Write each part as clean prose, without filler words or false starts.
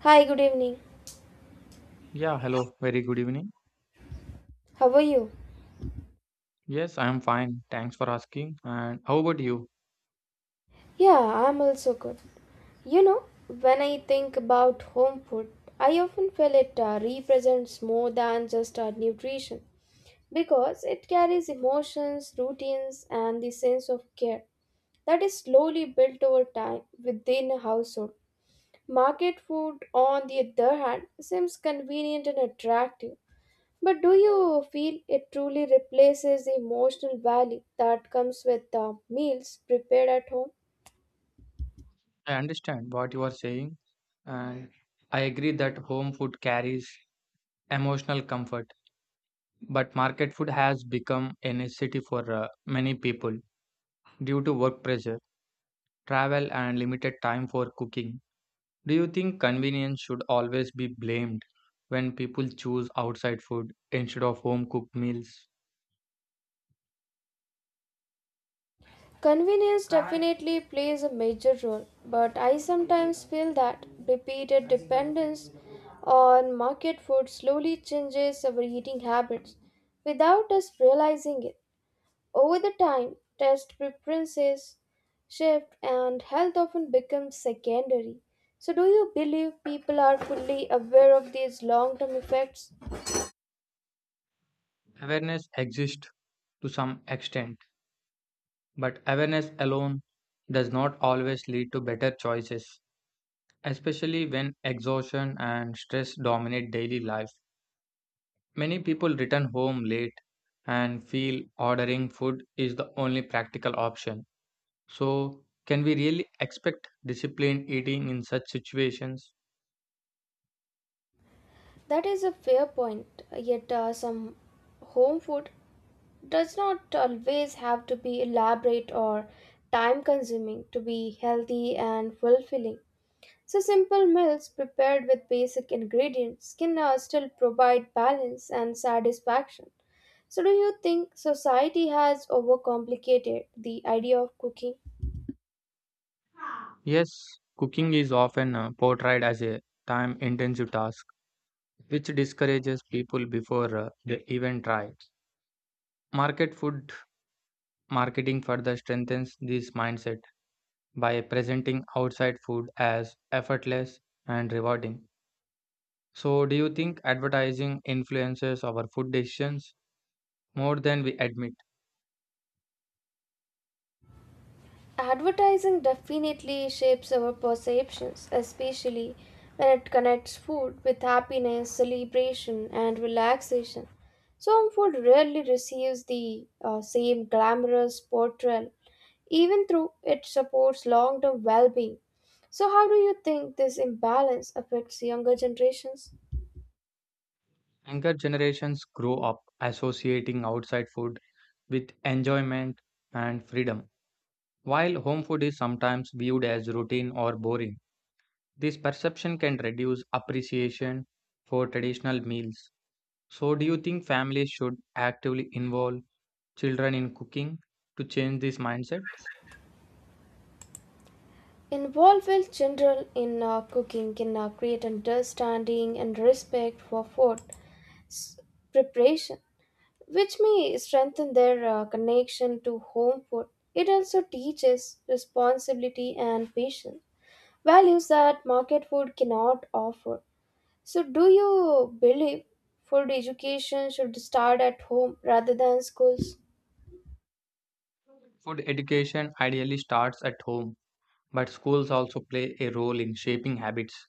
Hi, good evening. Yeah, hello. Very good evening. How are you? Yes, I am fine. Thanks for asking. And how about you? Yeah, I'm also good. You know, when I think about home food, I often feel it represents more than just nutrition because it carries emotions, routines, and the sense of care that is slowly built over time within a household. Market food, on the other hand, seems convenient and attractive. But do you feel it truly replaces the emotional value that comes with meals prepared at home? I understand what you are saying, and I agree that home food carries emotional comfort, but market food has become a necessity for many people due to work pressure, travel, and limited time for cooking. Do you think convenience should always be blamed when people choose outside food instead of home cooked meals? Convenience definitely plays a major role, but I sometimes feel that repeated dependence on market food slowly changes our eating habits without us realizing it. Over the time, taste preferences shift and health often becomes secondary. So, do you believe people are fully aware of these long term effects? Awareness exists to some extent. But awareness alone does not always lead to better choices, especially when exhaustion and stress dominate daily life. Many people return home late and feel ordering food is the only practical option. So, can we really expect disciplined eating in such situations? That is a fair point, yet, some home food does not always have to be elaborate or time consuming to be healthy and fulfilling. So, simple meals prepared with basic ingredients can still provide balance and satisfaction. So, do you think society has overcomplicated the idea of cooking? Yes, cooking is often portrayed as a time intensive task, which discourages people before they even try. Market food Marketing further strengthens this mindset by presenting outside food as effortless and rewarding. So, do you think advertising influences our food decisions more than we admit? Advertising definitely shapes our perceptions, especially when it connects food with happiness, celebration, and relaxation. So, home food rarely receives the same glamorous portrayal, even though it supports long term well being. So, how do you think this imbalance affects younger generations? Younger generations grow up associating outside food with enjoyment and freedom, while home food is sometimes viewed as routine or boring. This perception can reduce appreciation for traditional meals. So, do you think families should actively involve children in cooking to change this mindset? Involve with children in cooking can create understanding and respect for food preparation, which may strengthen their connection to home food. It also teaches responsibility and patience, values that market food cannot offer. So, do you believe food education should start at home rather than schools? Food education ideally starts at home, but schools also play a role in shaping habits,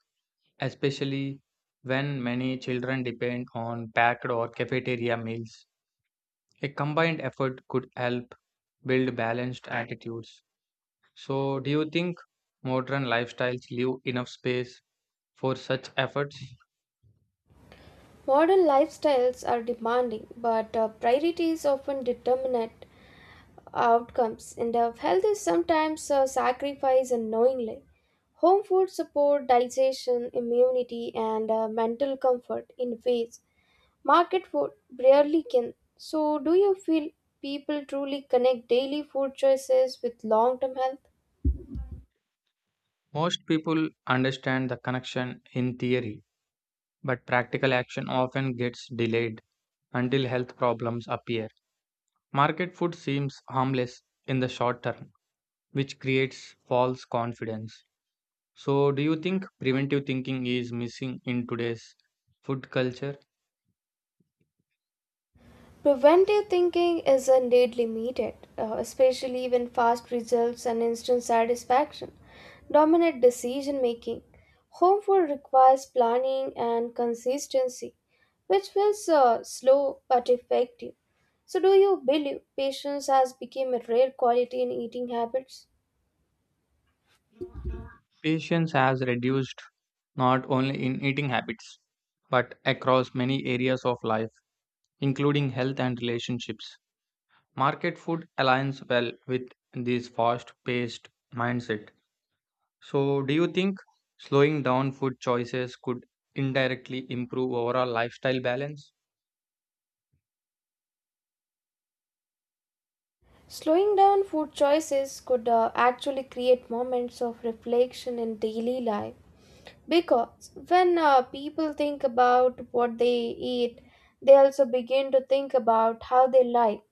especially when many children depend on packed or cafeteria meals. A combined effort could help build balanced attitudes. So, do you think modern lifestyles leave enough space for such efforts? Modern lifestyles are demanding, but priorities often determinate outcomes and of health is sometimes sacrificed unknowingly. Home food support digestion, immunity, and mental comfort in ways market food rarely can. So, do you feel people truly connect daily food choices with long-term health? Most people understand the connection in theory, but practical action often gets delayed until health problems appear. Market food seems harmless in the short term, which creates false confidence. So, do you think preventive thinking is missing in today's food culture? Preventive thinking is indeed limited, especially when fast results and instant satisfaction dominate decision making. Home food requires planning and consistency, which feels slow but effective. So, do you believe patience has become a rare quality in eating habits? Patience has reduced not only in eating habits, but across many areas of life, including health and relationships. Market food aligns well with this fast paced mindset. So, do you think slowing down food choices could indirectly improve overall lifestyle balance? Slowing down food choices could actually create moments of reflection in daily life because when people think about what they eat, they also begin to think about how they like.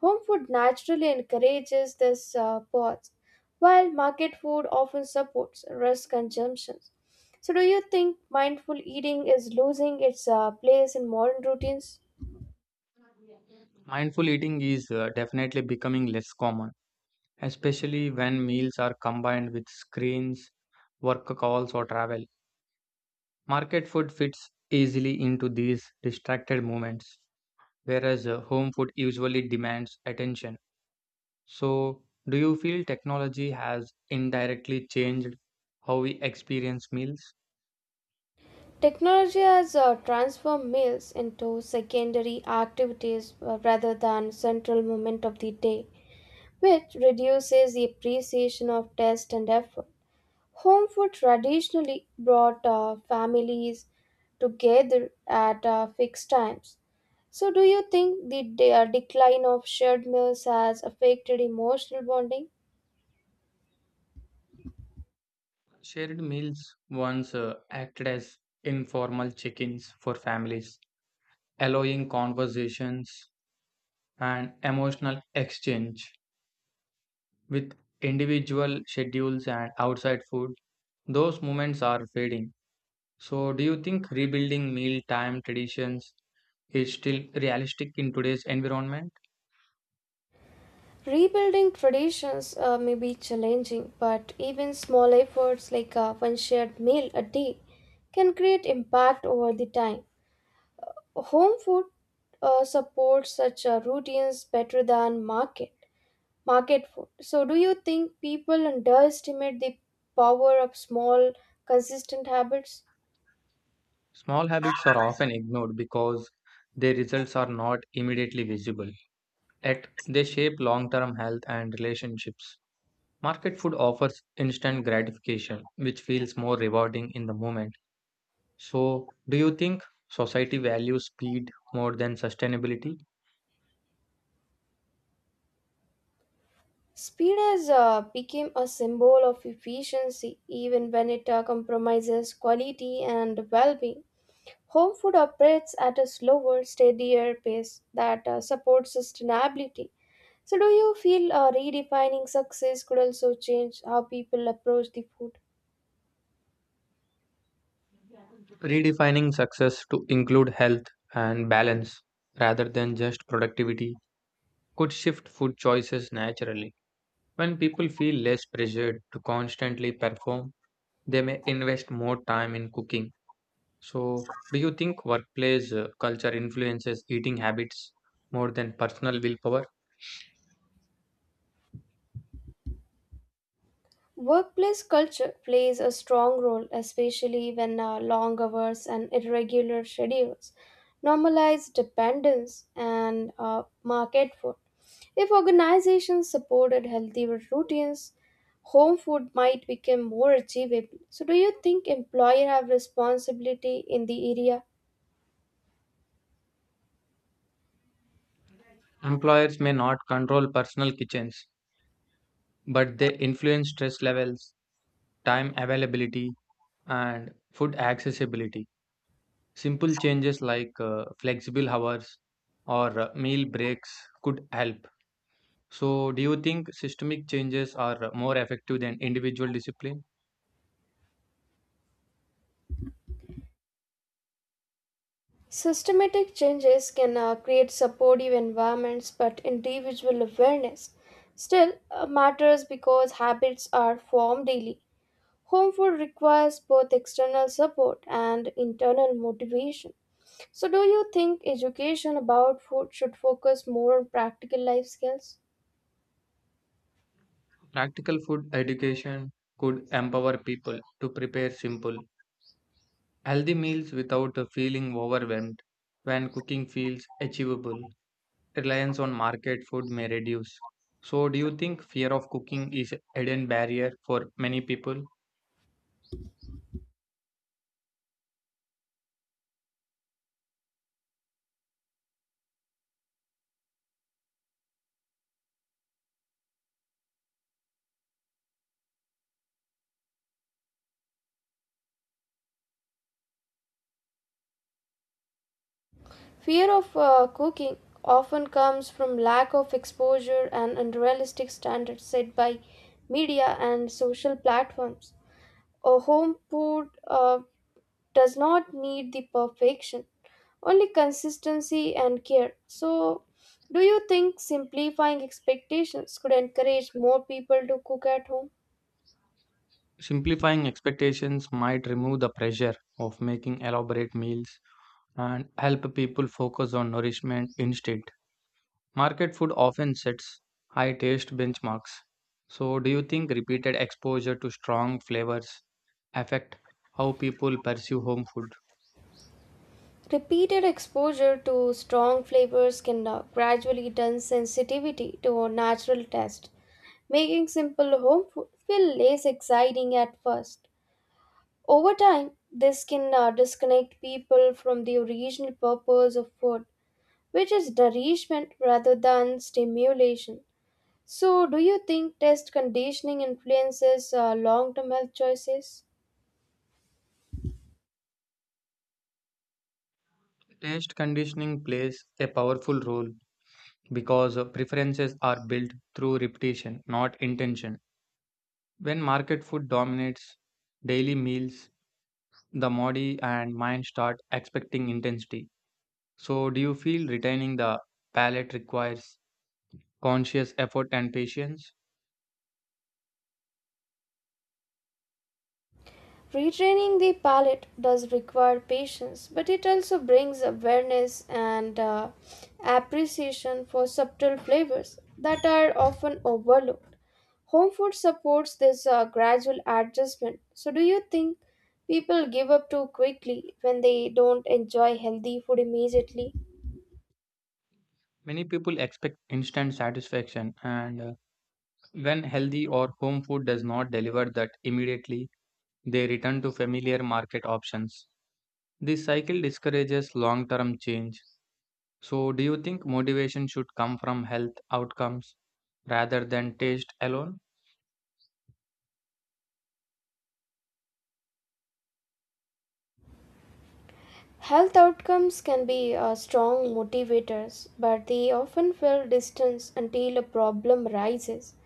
Home food naturally encourages this pause, while market food often supports risk consumption. So, do you think mindful eating is losing its place in modern routines? Mindful eating is definitely becoming less common, especially when meals are combined with screens, work calls, or travel. Market food fits easily into these distracted moments, whereas home food usually demands attention. So, do you feel technology has indirectly changed how we experience meals? Technology has transformed meals into secondary activities rather than central moment of the day, which reduces the appreciation of taste and effort. Home food traditionally brought families together at fixed times. So, do you think the decline of shared meals has affected emotional bonding? Shared meals once acted as informal check ins for families, allowing conversations and emotional exchange. With individual schedules and outside food, those moments are fading. So, do you think rebuilding mealtime traditions is still realistic in today's environment? Rebuilding traditions may be challenging, but even small efforts like one shared meal a day can create impact over the time. Home food supports such routines better than market food. So, do you think people underestimate the power of small, consistent habits? Small habits are often ignored because their results are not immediately visible, yet they shape long term health and relationships. Market food offers instant gratification, which feels more rewarding in the moment. So, do you think society values speed more than sustainability? Speed has become a symbol of efficiency, even when it compromises quality and well-being. Home food operates at a slower, steadier pace that supports sustainability. So, do you feel redefining success could also change how people approach the food? Redefining success to include health and balance rather than just productivity could shift food choices naturally. When people feel less pressured to constantly perform, they may invest more time in cooking. So, do you think workplace culture influences eating habits more than personal willpower? Workplace culture plays a strong role, especially when long hours and irregular schedules normalize dependence and market food. If organizations supported healthy routines, home food might become more achievable. So, do you think employer have responsibility in the area? Employers may not control personal kitchens, but they influence stress levels, time availability, and food accessibility. Simple changes like flexible hours or meal breaks could help. So, do you think systemic changes are more effective than individual discipline? Systematic changes can create supportive environments, but individual awareness still matters because habits are formed daily. Home food requires both external support and internal motivation. So, do you think education about food should focus more on practical life skills? Practical food education could empower people to prepare simple, healthy meals without feeling overwhelmed. When cooking feels achievable, reliance on market food may reduce. So, do you think fear of cooking is a hidden barrier for many people? Fear of cooking often comes from lack of exposure and unrealistic standards set by media and social platforms. A home food does not need the perfection, only consistency and care. So, do you think simplifying expectations could encourage more people to cook at home? Simplifying expectations might remove the pressure of making elaborate meals and help people focus on nourishment instead. Market food often sets high taste benchmarks. So, do you think repeated exposure to strong flavors affect how people pursue home food? Repeated exposure to strong flavors can gradually turn sensitivity to natural taste, making simple home food feel less exciting at first. Over time, this can disconnect people from the original purpose of food which is nourishment rather than stimulation. So, do you think test conditioning influences long term health choices? Taste conditioning plays a powerful role because preferences are built through repetition, not intention. When market food dominates daily meals, the body and mind start expecting intensity. So, do you feel retaining the palate requires conscious effort and patience? Retraining the palate does require patience, but it also brings awareness and appreciation for subtle flavors that are often overlooked. Home food supports this gradual adjustment. So, do you think people give up too quickly when they don't enjoy healthy food immediately? Many people expect instant satisfaction, and when healthy or home food does not deliver that immediately, they return to familiar market options. This cycle discourages long term change. So, do you think motivation should come from health outcomes rather than taste alone? Health outcomes can be strong motivators, but they often feel distance until a problem rises.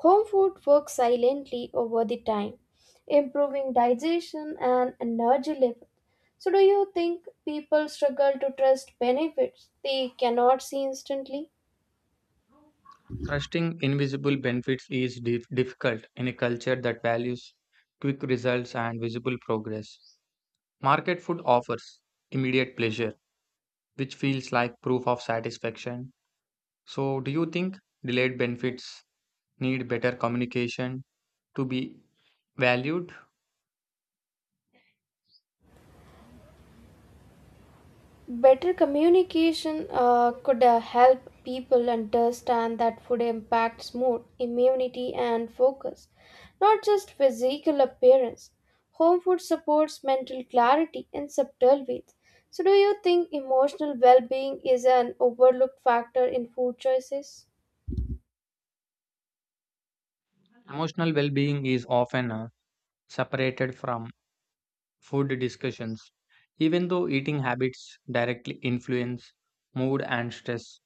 Home food works silently over the time, improving digestion and energy level. So, do you think people struggle to trust benefits they cannot see instantly? Trusting invisible benefits is difficult in a culture that values quick results and visible progress. Market food offers immediate pleasure, which feels like proof of satisfaction. So, do you think delayed benefits need better communication to be valued? Better communication could help people understand that food impacts mood, immunity, and focus, not just physical appearance. Home food supports mental clarity in subtle ways. So, do you think emotional well being is an overlooked factor in food choices? Emotional well being is often separated from food discussions, even though eating habits directly influence mood and stress.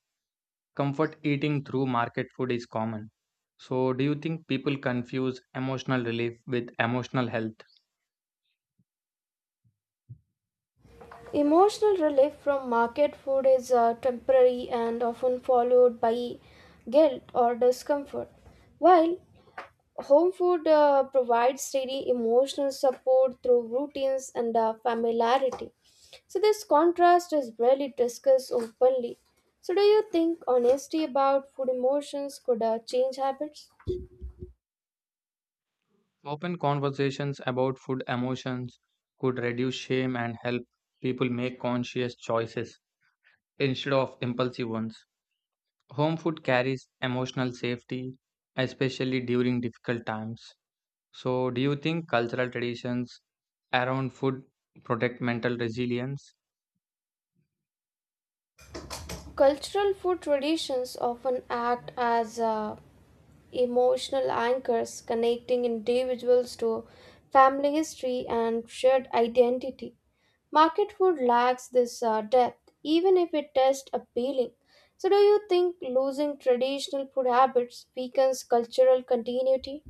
Comfort eating through market food is common. So, do you think people confuse emotional relief with emotional health? Emotional relief from market food is temporary and often followed by guilt or discomfort, while home food provides steady emotional support through routines and familiarity. So, this contrast is rarely discussed openly. So, do you think honesty about food emotions could change habits? Open conversations about food emotions could reduce shame and help people make conscious choices instead of impulsive ones. Home food carries emotional safety, especially during difficult times. So, do you think cultural traditions around food protect mental resilience? Cultural food traditions often act as emotional anchors connecting individuals to family history and shared identity. Market food lacks this depth, even if it tastes appealing. So, do you think losing traditional food habits weakens cultural continuity?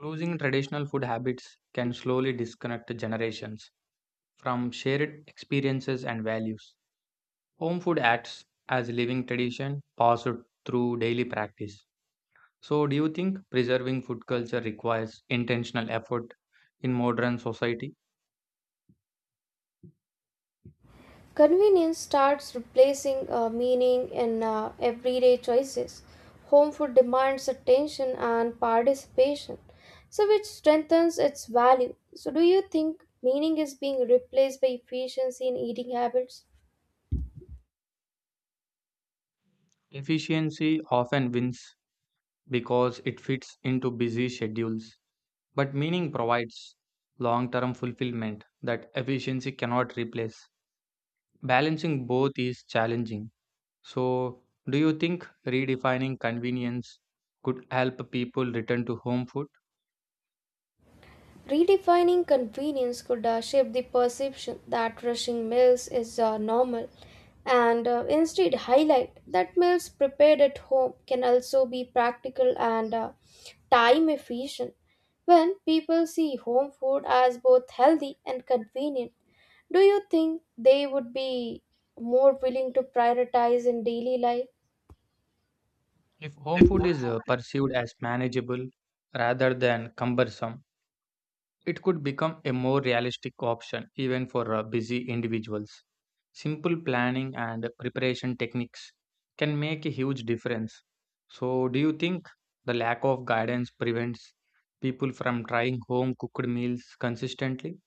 Losing traditional food habits can slowly disconnect generations from shared experiences and values. Home food acts as a living tradition passed through daily practice. So, do you think preserving food culture requires intentional effort in modern society? Convenience starts replacing meaning in everyday choices. Home food demands attention and participation, so which strengthens its value. So, do you think meaning is being replaced by efficiency in eating habits? Efficiency often wins because it fits into busy schedules, but meaning provides long term fulfillment that efficiency cannot replace. Balancing both is challenging. So, do you think redefining convenience could help people return to home food? Redefining convenience could shape the perception that rushing meals is normal and instead highlight that meals prepared at home can also be practical and time efficient. When people see home food as both healthy and convenient, do you think they would be more willing to prioritize in daily life? If home food is perceived as manageable rather than cumbersome, it could become a more realistic option even for busy individuals. Simple planning and preparation techniques can make a huge difference. So, do you think the lack of guidance prevents people from trying home cooked meals consistently?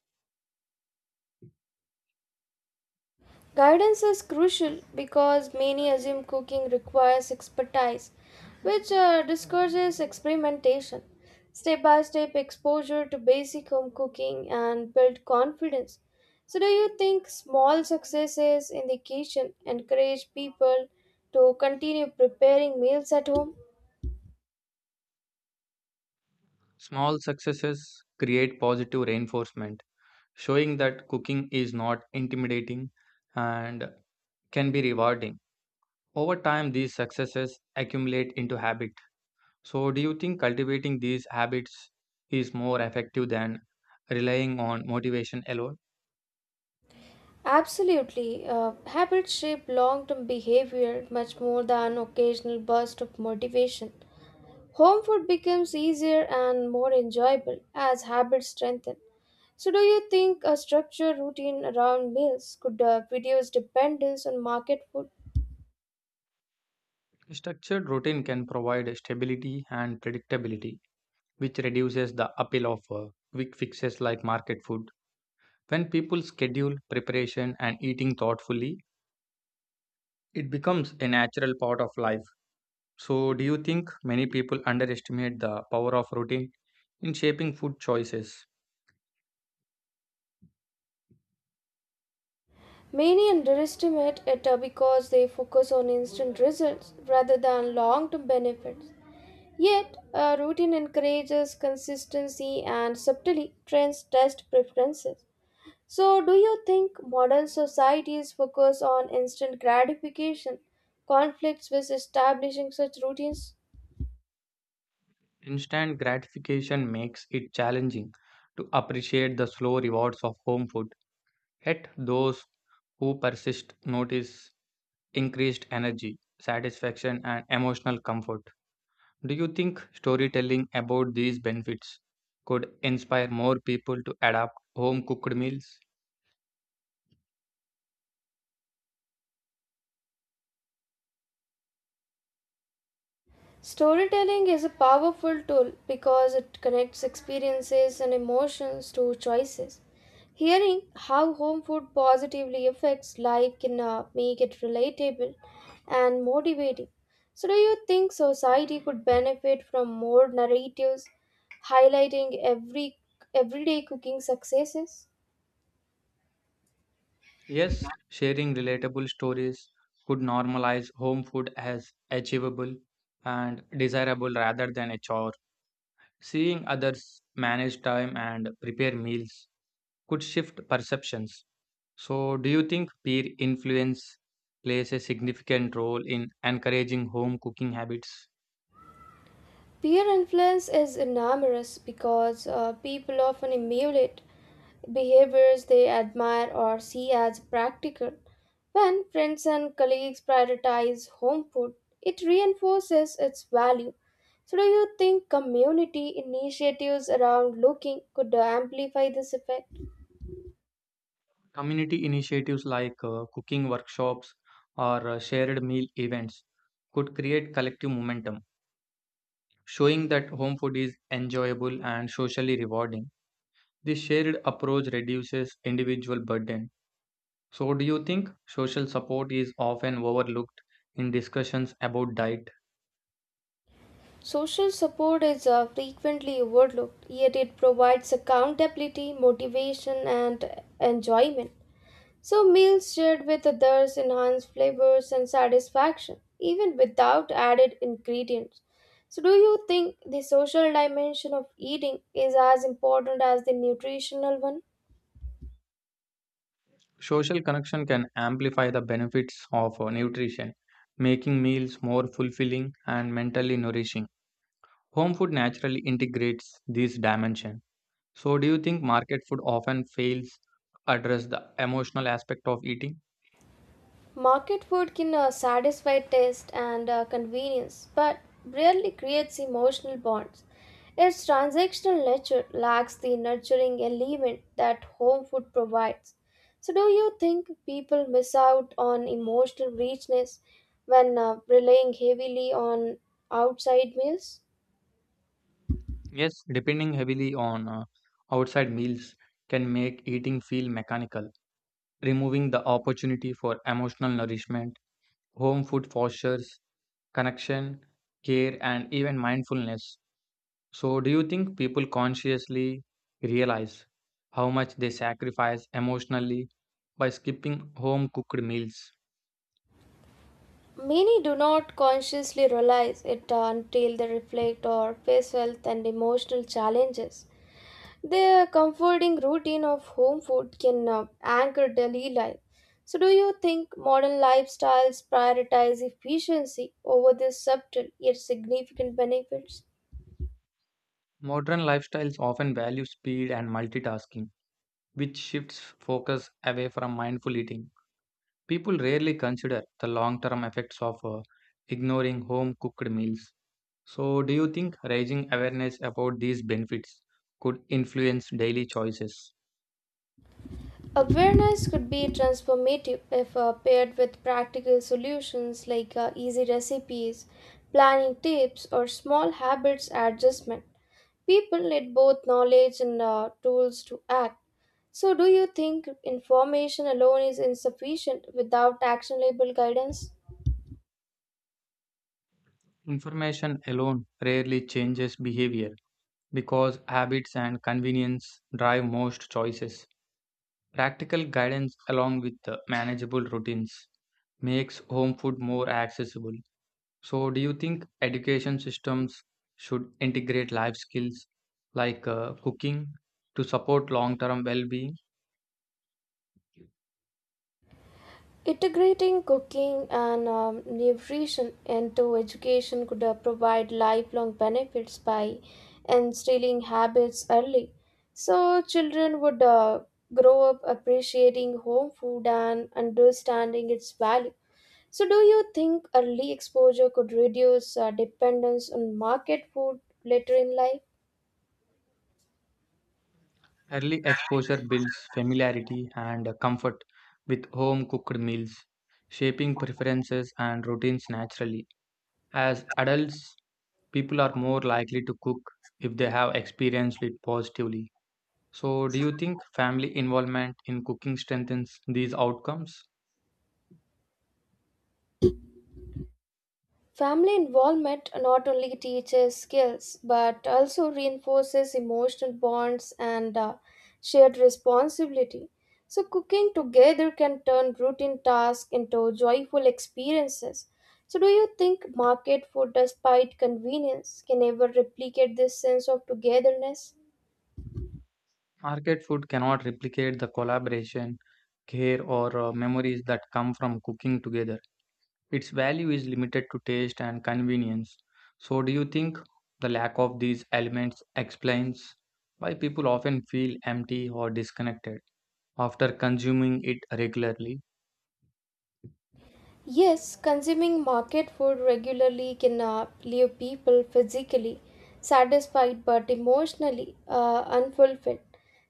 Guidance is crucial because many assume cooking requires expertise, which discourages experimentation. Step by step exposure to basic home cooking and build confidence. So, do you think small successes in the kitchen encourage people to continue preparing meals at home? Small successes create positive reinforcement, showing that cooking is not intimidating and can be rewarding. Over time, these successes accumulate into habits. So, do you think cultivating these habits is more effective than relying on motivation alone? Absolutely. Habits shape long term behavior much more than occasional bursts of motivation. Home food becomes easier and more enjoyable as habits strengthen. So, do you think a structured routine around meals could reduce dependence on market food? A structured routine can provide stability and predictability, which reduces the appeal of quick fixes like market food. When people schedule preparation and eating thoughtfully, it becomes a natural part of life. So, do you think many people underestimate the power of routine in shaping food choices? Many underestimate it because they focus on instant results rather than long term benefits. Yet, a routine encourages consistency and subtly trends test preferences. So, do you think modern societies focus on instant gratification, conflicts with establishing such routines? Instant gratification makes it challenging to appreciate the slow rewards of home food. Yet, those who persist notice increased energy, satisfaction, and emotional comfort. Do you think storytelling about these benefits could inspire more people to adapt home cooked meals? Storytelling is a powerful tool because it connects experiences and emotions to choices. Hearing how home food positively affects life can make it relatable and motivating. So, do you think society could benefit from more narratives highlighting every everyday cooking successes? Yes, sharing relatable stories could normalize home food as achievable and desirable rather than a chore. Seeing others manage time and prepare meals could shift perceptions. So, do you think peer influence plays a significant role in encouraging home cooking habits? Peer influence is enormous because people often emulate behaviors they admire or see as practical. When friends and colleagues prioritize home food, it reinforces its value. So, do you think community initiatives around looking could amplify this effect? Community initiatives like cooking workshops or shared meal events could create collective momentum, showing that home food is enjoyable and socially rewarding. This shared approach reduces individual burden. So, do you think social support is often overlooked in discussions about diet? Social support is frequently overlooked, yet it provides accountability, motivation, and enjoyment. So, meals shared with others enhance flavors and satisfaction, even without added ingredients. So, do you think the social dimension of eating is as important as the nutritional one? Social connection can amplify the benefits of nutrition, making meals more fulfilling and mentally nourishing. Home food naturally integrates this dimension. So, do you think market food often fails to address the emotional aspect of eating? Market food can satisfy taste and convenience, but rarely creates emotional bonds. Its transactional nature lacks the nurturing element that home food provides. So, do you think people miss out on emotional richness when relying heavily on outside meals? Yes, depending heavily on outside meals can make eating feel mechanical, removing the opportunity for emotional nourishment. Home food fosters connection, care, and even mindfulness. So, do you think people consciously realize how much they sacrifice emotionally by skipping home cooked meals? Many do not consciously realize it until they reflect or face health and emotional challenges. The comforting routine of home food can anchor daily life. So, do you think modern lifestyles prioritize efficiency over these subtle yet significant benefits? Modern lifestyles often value speed and multitasking, which shifts focus away from mindful eating. People rarely consider the long term effects of ignoring home cooked meals. So, do you think raising awareness about these benefits could influence daily choices? Awareness could be transformative if paired with practical solutions like easy recipes, planning tips, or small habits adjustment. People need both knowledge and tools to act. So, do you think information alone is insufficient without actionable guidance? Information alone rarely changes behavior because habits and convenience drive most choices. Practical guidance, along with the manageable routines, makes home food more accessible. So, do you think education systems should integrate life skills like cooking to support long term well being? Integrating cooking and nutrition into education could provide lifelong benefits by instilling habits early. So, children would grow up appreciating home food and understanding its value. So, do you think early exposure could reduce dependence on market food later in life? Early exposure builds familiarity and comfort with home cooked meals, shaping preferences and routines naturally. As adults, people are more likely to cook if they have experienced it positively. So, do you think family involvement in cooking strengthens these outcomes? Family involvement not only teaches skills but also reinforces emotional bonds and shared responsibility. So, cooking together can turn routine tasks into joyful experiences. So, do you think market food, despite convenience, can ever replicate this sense of togetherness? Market food cannot replicate the collaboration, care, or memories that come from cooking together. Its value is limited to taste and convenience. So, do you think the lack of these elements explains why people often feel empty or disconnected after consuming it regularly? Yes, consuming market food regularly can leave people physically satisfied but emotionally unfulfilled.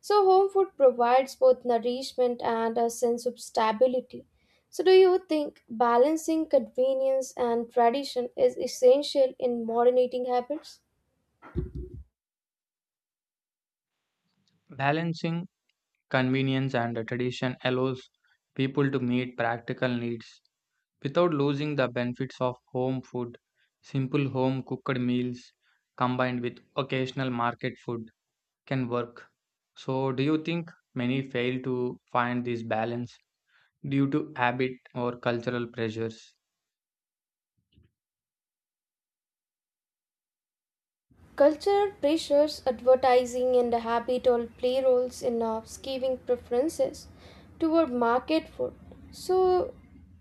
So, home food provides both nourishment and a sense of stability. So, do you think balancing convenience and tradition is essential in modern eating habits? Balancing convenience and tradition allows people to meet practical needs without losing the benefits of home food. Simple home cooked meals combined with occasional market food can work. So, do you think many fail to find this balance due to habit or cultural pressures? Cultural pressures, advertising, and the habit all play roles in our skewing preferences toward market food. So,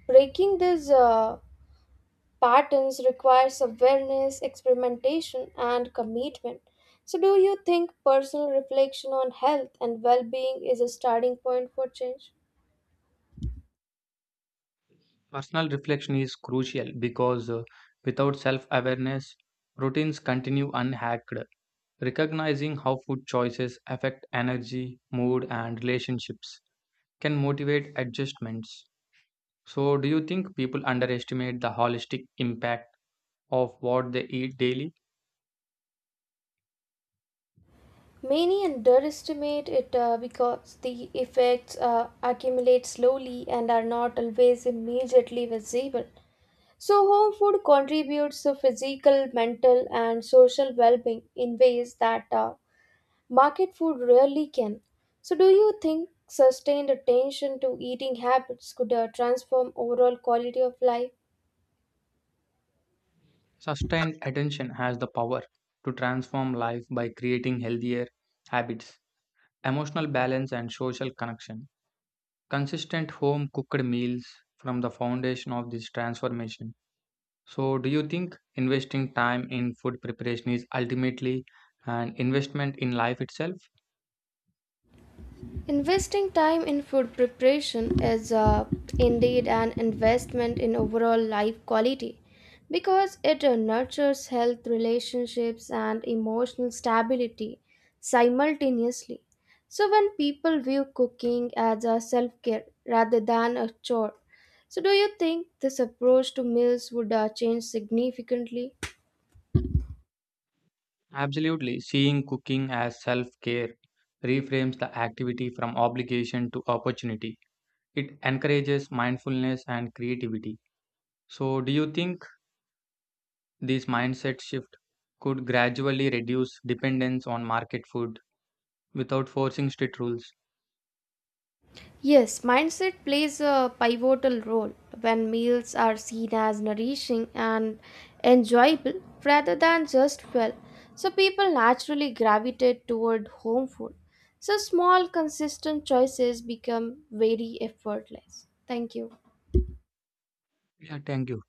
breaking these patterns requires awareness, experimentation, and commitment. So, do you think personal reflection on health and well being is a starting point for change? Personal reflection is crucial because without self awareness, routines continue unhacked. Recognizing how food choices affect energy, mood, and relationships can motivate adjustments. So, do you think people underestimate the holistic impact of what they eat daily? Many underestimate it because the effects accumulate slowly and are not always immediately visible. So, home food contributes to physical, mental, and social well being in ways that market food rarely can. So, do you think sustained attention to eating habits could transform overall quality of life? Sustained attention has the power to transform life by creating healthier habits, emotional balance, and social connection. Consistent home cooked meals from the foundation of this transformation. So, do you think investing time in food preparation is ultimately an investment in life itself? Investing time in food preparation is indeed an investment in overall life quality because it nurtures health, relationships, and emotional stability simultaneously. So, when people view cooking as a self care rather than a chore, so do you think this approach to meals would change significantly? Absolutely. Seeing cooking as self care reframes the activity from obligation to opportunity. It encourages mindfulness and creativity. So, do you think this mindset shift could gradually reduce dependence on market food without forcing strict rules? Yes, mindset plays a pivotal role when meals are seen as nourishing and enjoyable rather than just fuel. So people naturally gravitate toward home food. So small, consistent choices become very effortless. Thank you. Yeah, thank you.